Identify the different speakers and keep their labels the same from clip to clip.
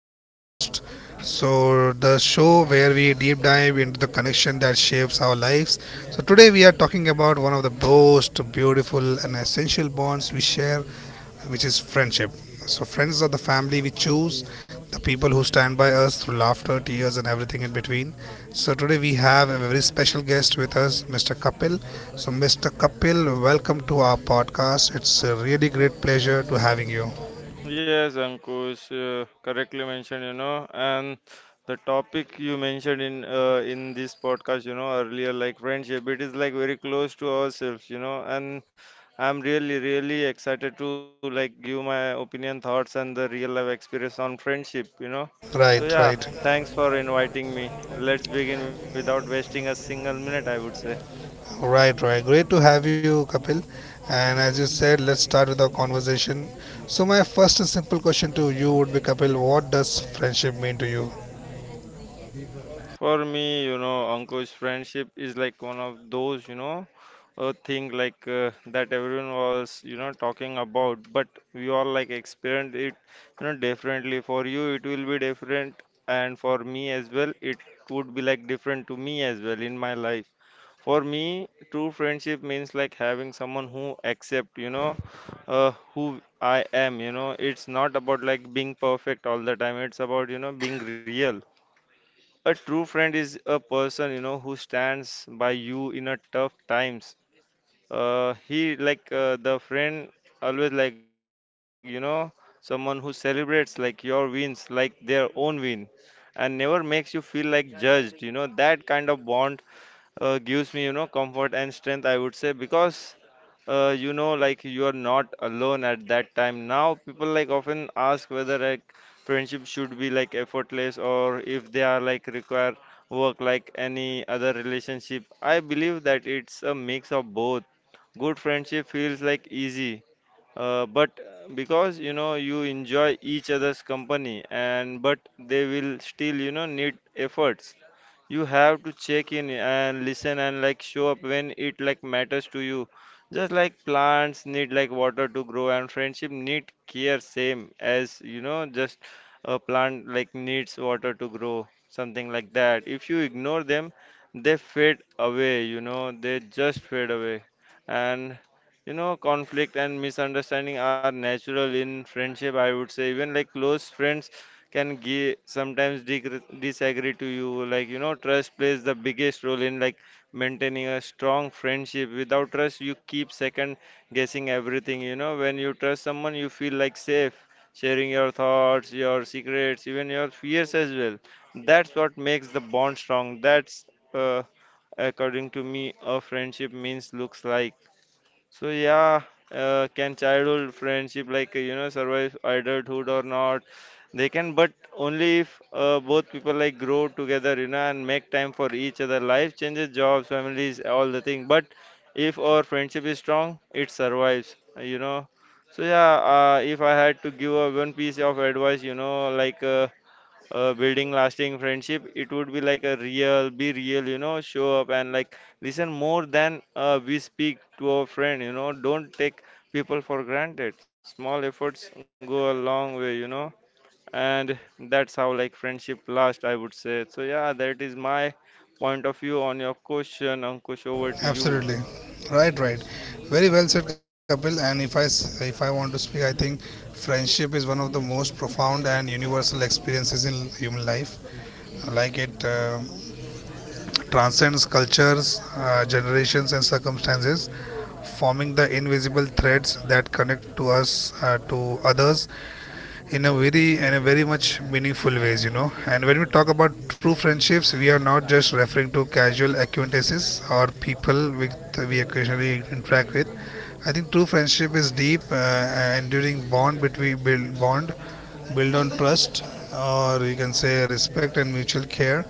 Speaker 1: podcast. So, the show where we deep dive into the connection that shapes our lives. So, today we are talking about one of the most beautiful and essential bonds we share, which is friendship. So, friends are the family we choose, the people who stand by us through laughter, tears, and everything in between. So, today we have a very special guest with us, Mr. Kapil. So, Mr. Kapil, welcome to our podcast. It's a really great pleasure to having you.
Speaker 2: Yes, Ankush, correctly mentioned, and the topic you mentioned in this podcast, earlier, like friendship, it is like very close to ourselves, and I'm really, really excited to like give my opinion, thoughts, and the real life experience on friendship. So
Speaker 1: Right,
Speaker 2: yeah,
Speaker 1: right,
Speaker 2: thanks for inviting me. Let's begin without wasting a single minute, I would say.
Speaker 1: right, right. Great to have you, Kapil. And as you said, let's start with our conversation. So, my first and simple question to you would be, Kapil, what does friendship mean to you?
Speaker 2: For me, Ankush, friendship is like one of those, a thing like that everyone was, talking about, but we all like experienced it, differently. For you, it will be different, and for me as well, it would be like different to me as well in my life. For me, true friendship means like having someone who accept, who I am. It's not about like being perfect all the time. It's about, being real. A true friend is a person, who stands by you in a tough times. He like the friend always like, someone who celebrates like your wins, like their own win, and never makes you feel like judged. That kind of bond gives me, comfort and strength, I would say, because like you are not alone at that time. Now people like often ask whether like friendship should be like effortless or if they are like require work like any other relationship. I believe that it's a mix of both. Good friendship feels like easy, but because you enjoy each other's company, and but they will still need efforts. You have to check in and listen and like show up when it like matters to you. Just like plants need like water to grow and friendship need care, same as just a plant like needs water to grow, something like that. If you ignore them, they fade away, they just fade away. And conflict and misunderstanding are natural in friendship, I would say. Even like close friends can give sometimes disagree to you, like, trust plays the biggest role in like maintaining a strong friendship. Without trust, you keep second guessing everything. When you trust someone, you feel like safe sharing your thoughts, your secrets, even your fears as well. That's what makes the bond strong. That's uh, according to me a friendship means looks like. So yeah, can childhood friendship like survive adulthood or not? They can, but only if both people like grow together, and make time for each other. Life changes, jobs, families, all the thing. But if our friendship is strong, it survives. So yeah, if I had to give a one piece of advice, like building lasting friendship, it would be like a real be real, show up and like listen more than we speak to our friend, don't take people for granted, small efforts go a long way, and that's how like friendship lasts, I would say. So yeah, that is my point of view on your question, Ankush. Over to you.
Speaker 1: Absolutely, right, right. Very well said, Kapil. And if I want to speak, I think friendship is one of the most profound and universal experiences in human life. Like it transcends cultures, generations, and circumstances, forming the invisible threads that connect to us, to others in a very and a very much meaningful ways. You know, and when we talk about true friendships, we are not just referring to casual acquaintances or people with we occasionally interact with. I think true friendship is deep, enduring bond, build on trust, or you can say respect and mutual care,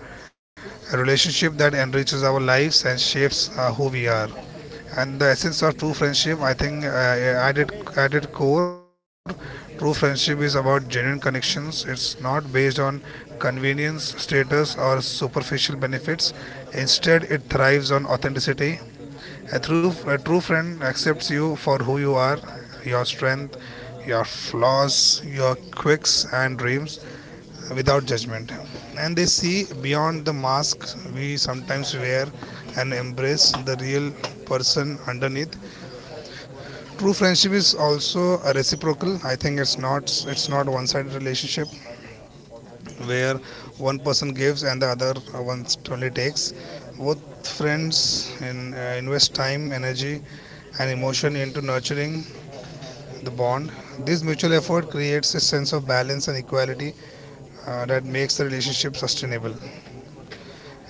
Speaker 1: a relationship that enriches our lives and shapes who we are. And the essence of true friendship, I think, core: true friendship is about genuine connections. It's not based on convenience, status, or superficial benefits. Instead, it thrives on authenticity. A true friend accepts you for who you are, your strength, your flaws, your quirks and dreams, without judgment. And they see beyond the mask we sometimes wear and embrace the real person underneath. True friendship is also a reciprocal. I think it's not one-sided relationship where one person gives and the other one only takes. Both friends invest time, energy, and emotion into nurturing the bond. This mutual effort creates a sense of balance and equality that makes the relationship sustainable.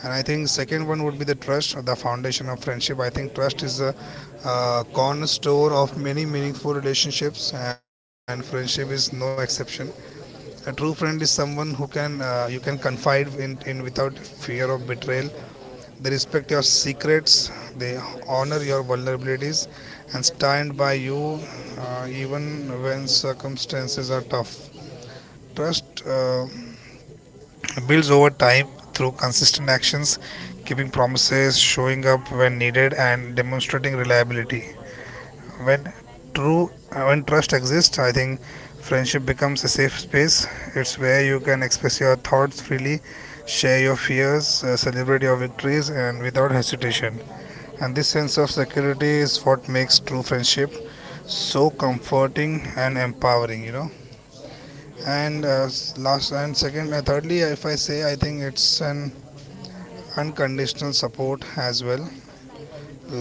Speaker 1: And I think second one would be the trust, or the foundation of friendship. I think trust is a cornerstone of many meaningful relationships, and friendship is no exception. A true friend is someone who can you can confide in without fear of betrayal. They respect your secrets, they honor your vulnerabilities, and stand by you even when circumstances are tough. Trust builds over time through consistent actions, keeping promises, showing up when needed, and demonstrating reliability. When when trust exists, I think friendship becomes a safe space. It's where you can express your thoughts freely, share your fears, celebrate your victories, and without hesitation. And this sense of security is what makes true friendship so comforting and empowering, you know. And thirdly, if I say, I think it's an unconditional support as well.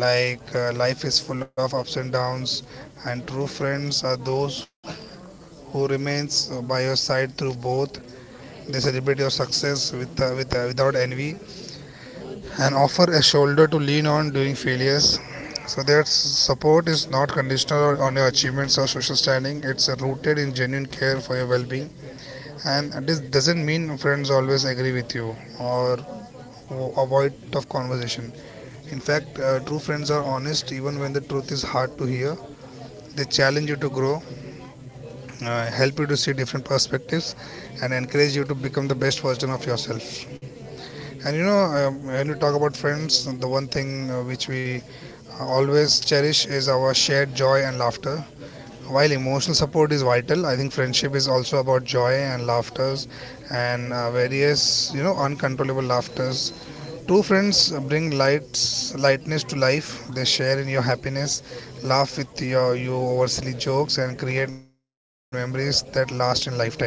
Speaker 1: Life is full of ups and downs, and true friends are those who remains by your side through both. They celebrate your success without envy and offer a shoulder to lean on during failures. So their support is not conditional on- your achievements or social standing. It's rooted in genuine care for your well-being, and this doesn't mean friends always agree with you or avoid tough conversation. In fact, true friends are honest even when the truth is hard to hear. They challenge you to grow, help you to see different perspectives and encourage you to become the best version of yourself. And you know, when we talk about friends, the one thing which we always cherish is our shared joy and laughter. While emotional support is vital, I think friendship is also about joy and laughters and various, you know, uncontrollable laughters. True friends bring lights lightness to life. They share in your happiness, laugh with your you over silly jokes, and create memories that last in lifetime.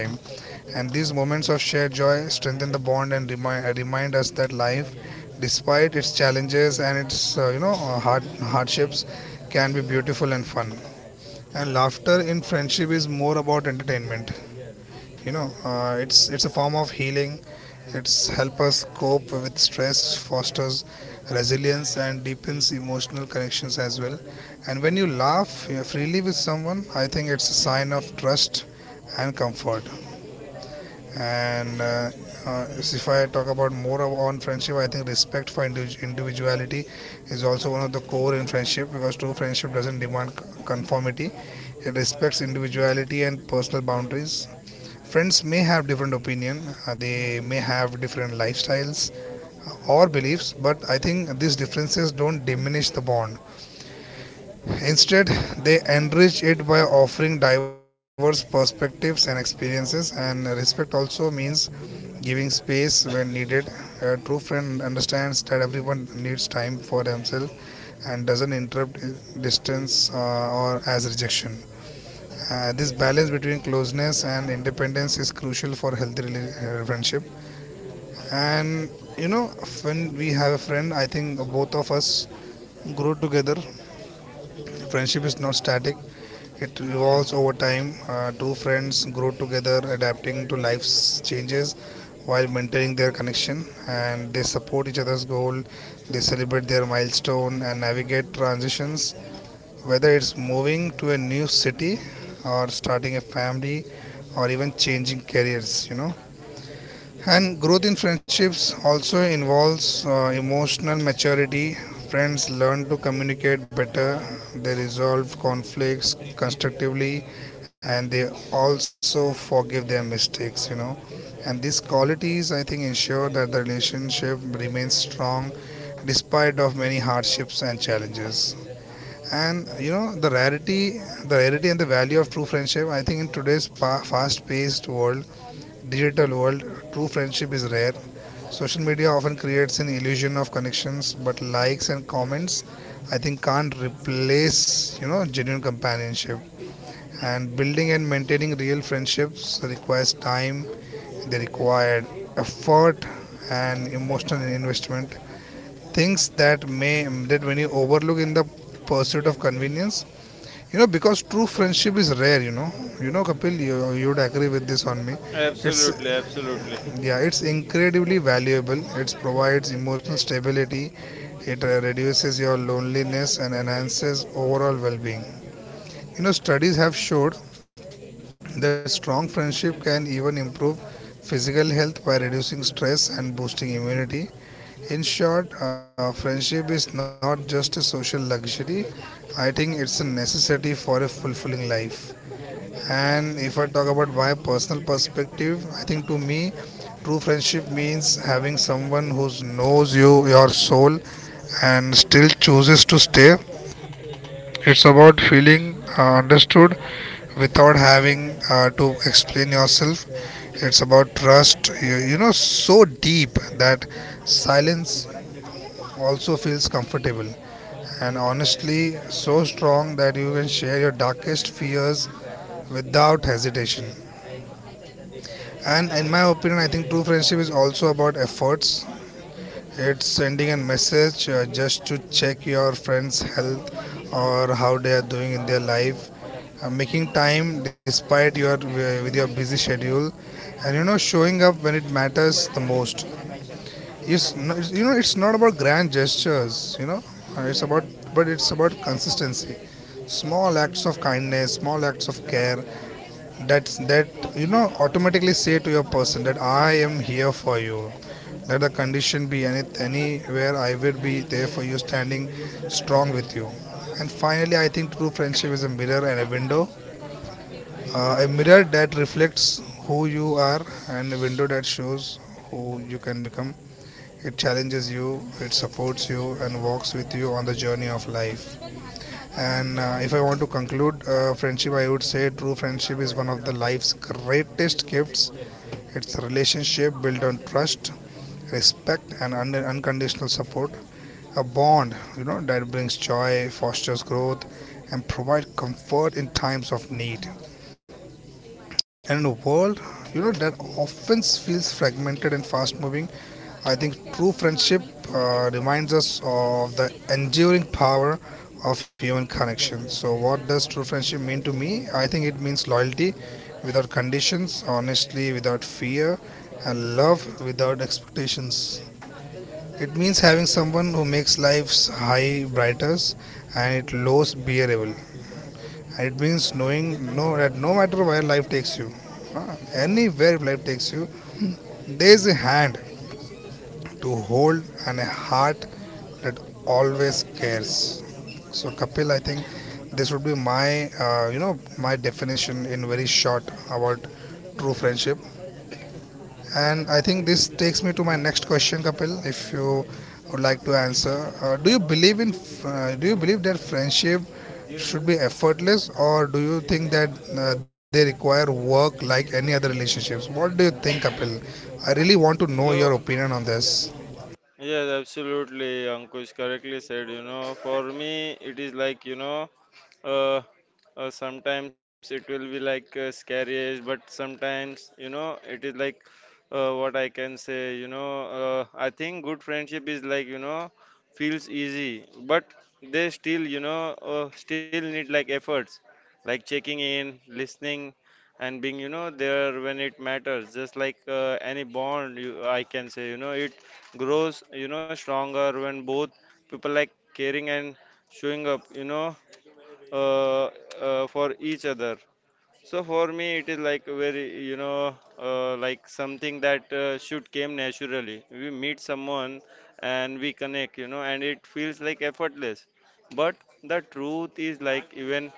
Speaker 1: And these moments of shared joy strengthen the bond and remind us that life, despite its challenges and its hardships, can be beautiful and fun. And laughter in friendship is more about entertainment. You know, it's a form of healing. It's help us cope with stress, fosters resilience, and deepens emotional connections as well. And when you laugh freely with someone, I think it's a sign of trust and comfort. And if I talk about more on friendship, I think respect for individuality is also one of the core in friendship, because true friendship doesn't demand conformity. It respects individuality and personal boundaries. Friends may have different opinion, they may have different lifestyles or beliefs, but I think these differences don't diminish the bond. Instead, they enrich it by offering diverse perspectives and experiences. And respect also means giving space when needed. A true friend understands that everyone needs time for themselves and doesn't interrupt distance or as rejection. This balance between closeness and independence is crucial for healthy friendship. And you know, when we have a friend, I think both of us grow together. Friendship is not static; it evolves over time. Two friends grow together, adapting to life's changes while maintaining their connection, and they support each other's goal. They celebrate their milestone and navigate transitions, whether it's moving to a new city, or starting a family, or even changing careers, you know. And growth in friendships also involves emotional maturity. Friends learn to communicate better, they resolve conflicts constructively, and they also forgive their mistakes, you know. And these qualities, I think, ensure that the relationship remains strong despite of many hardships and challenges. And you know, the rarity and the value of true friendship, I think, in today's fast-paced world, digital world, true friendship is rare. Social media often creates an illusion of connections, but likes and comments, I think, can't replace, you know, genuine companionship. And building and maintaining real friendships requires time, they required effort and emotional investment. Things that may that when you overlook in the pursuit of convenience, you know, because true friendship is rare. You know, Kapil, you'd agree with this on me. It's
Speaker 2: Absolutely, absolutely.
Speaker 1: yeah, it's incredibly valuable. It provides emotional stability. It reduces your loneliness and enhances overall well-being. You know, studies have showed that strong friendship can even improve physical health by reducing stress and boosting immunity. In short, friendship is not just a social luxury. I think it's a necessity for a fulfilling life. And if I talk about my personal perspective, I think to me, true friendship means having someone who knows you, your soul, and still chooses to stay. It's about feeling understood without having to explain yourself. It's about trust, you know, so deep that silence also feels comfortable, and honestly so strong that you can share your darkest fears without hesitation. And in my opinion, I think true friendship is also about efforts. It's sending a message just to check your friend's health or how they are doing in their life. Making time despite your with your busy schedule, and you know, showing up when it matters the most. It's no, you know, it's not about grand gestures, you know. It's about but it's about consistency, small acts of kindness, small acts of care. That's that you know automatically say to your person that I am here for you. Let the condition be anywhere, I will be there for you, standing strong with you. And finally, I think true friendship is a mirror and a window, a mirror that reflects who you are, and a window that shows who you can become. It challenges you, it supports you, and walks with you on the journey of life. And if I want to conclude friendship, I would say true friendship is one of the life's greatest gifts. It's a relationship built on trust, respect, and unconditional support. A bond, you know, that brings joy, fosters growth, and provides comfort in times of need. And in a world, you know, that often feels fragmented and fast moving, I think true friendship reminds us of the enduring power of human connection. So, what does true friendship mean to me? I think it means loyalty without conditions, honestly without fear, and love without expectations. It means having someone who makes life's high brighter and it lows bearable. And it means knowing that no matter where life takes you, anywhere life takes you, there is a hand to hold and a heart it always cares. So Kapil, I think this would be my you know, my definition in very short about true friendship. And I think this takes me to my next question, Kapil, if you would like to answer. uh, do you believe in do you believe that friendship should be effortless, or do you think that they require work like any other relationships? What do you think, Kapil? I really want to know your
Speaker 2: So,
Speaker 1: opinion on this.
Speaker 2: yes, absolutely, Ankush correctly said, for me, it is like, uh, sometimes it will be like scary, but sometimes it is like what I can say, I think good friendship is like feels easy, but they still you know still need like efforts, like checking in, listening, and being, there when it matters, just like any bond. You, I can say, it grows, stronger when both people like caring and showing up uh, for each other. So for me, it is like very, like something that should came naturally. We meet someone and we connect, and it feels like effortless. But the truth is like even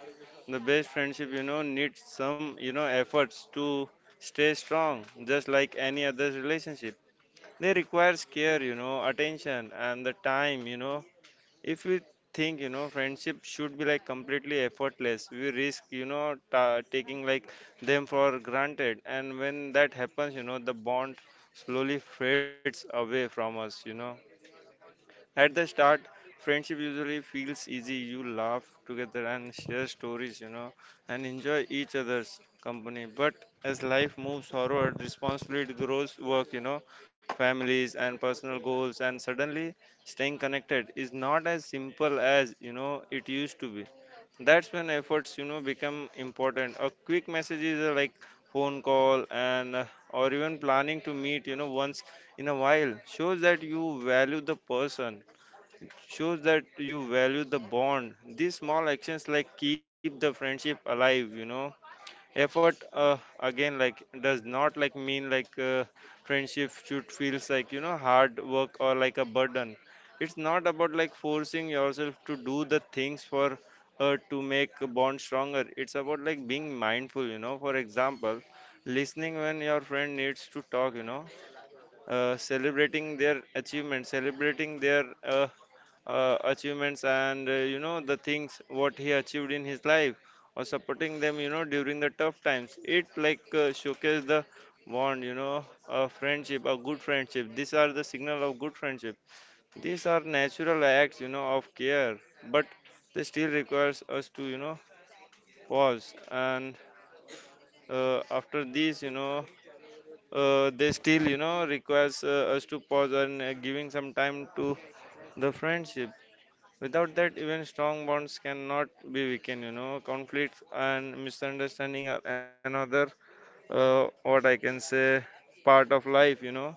Speaker 2: the best friendship, needs some, efforts to stay strong, just like any other relationship. They requires care, attention and the time, if we think friendship should be like completely effortless, we risk taking like them for granted. And when that happens, the bond slowly fades away from us. At the start, friendship usually feels easy. You laugh together and share stories, and enjoy each other's company. But as life moves forward, responsibility grows, work, families and personal goals, and suddenly staying connected is not as simple as, it used to be. That's when efforts, become important. A quick message is like phone call and or even planning to meet, once in a while, shows that you value the person, shows that you value the bond. These small actions like keep the friendship alive. Effort again like does not like mean like friendship should feels like hard work or like a burden. It's not about like forcing yourself to do the things for to make a bond stronger. It's about like being mindful. For example, listening when your friend needs to talk, celebrating their achievements and the things what he achieved in his life, or supporting them, during the tough times, it like showcase the bond. A friendship, a good friendship, these are the signal of good friendship, these are natural acts, of care. But they still requires us to, pause and after these, they still, requires us to pause and giving some time to the friendship. Without that, even strong bonds cannot be weakened. Conflicts and misunderstanding are another what I can say, part of life.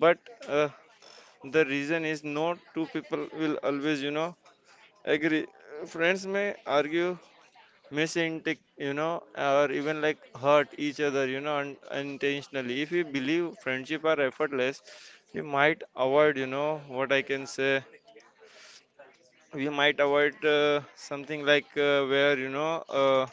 Speaker 2: But uh, the reason is no two people will always, agree. Friends may argue, misintake, or even like hurt each other, unintentionally. If we believe friendship are effortless, we might avoid, what I can say, we might avoid something like where you know uh,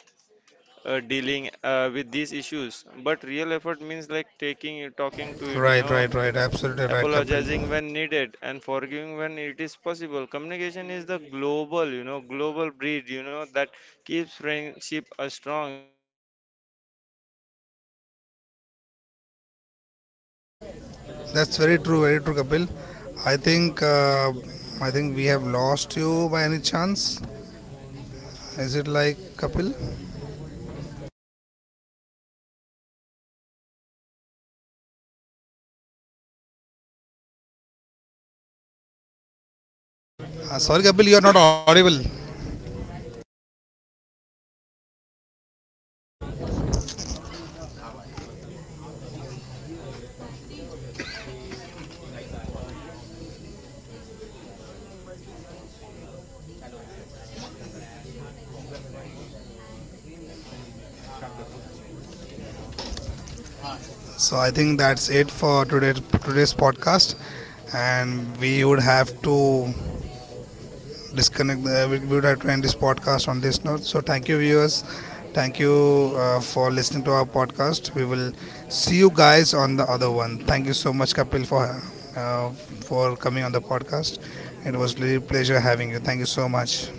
Speaker 2: uh, dealing with these issues. But real effort means like taking talking to it you
Speaker 1: Right,
Speaker 2: know
Speaker 1: right, right, absolutely right, Kapil.
Speaker 2: apologizing when needed and forgiving when it is possible. Communication is the global, global breed, that keeps friendship strong, and it takes effort to cross that bridge. Trust also plays
Speaker 1: That's
Speaker 2: for
Speaker 1: very true,
Speaker 2: me,
Speaker 1: Kapil.
Speaker 2: a huge
Speaker 1: I
Speaker 2: role you
Speaker 1: think
Speaker 2: know
Speaker 1: uh, I think we have
Speaker 2: because
Speaker 1: lost you
Speaker 2: without
Speaker 1: by any
Speaker 2: trust, the
Speaker 1: chance.
Speaker 2: every bond,
Speaker 1: Is
Speaker 2: friendship,
Speaker 1: it like
Speaker 2: relationship,
Speaker 1: Kapil?
Speaker 2: everything is impossible to build. Building trust does not happen overnight, so for me, it grows through, I can say, consistent action, keeping
Speaker 1: Sorry, Kapil, you are
Speaker 2: promises,
Speaker 1: not audible.
Speaker 2: respecting boundaries, and like being honest. That's effort too, when trust is strong and the
Speaker 1: So I think that's it for today's podcast, and we would have to disconnect. The, we would have to end this podcast on this note. So thank you, viewers. Thank you for listening to our podcast. We will see you guys on the other one. Thank you so much, Kapil, uh, for coming on the podcast. It was really a pleasure having you. Thank you so much.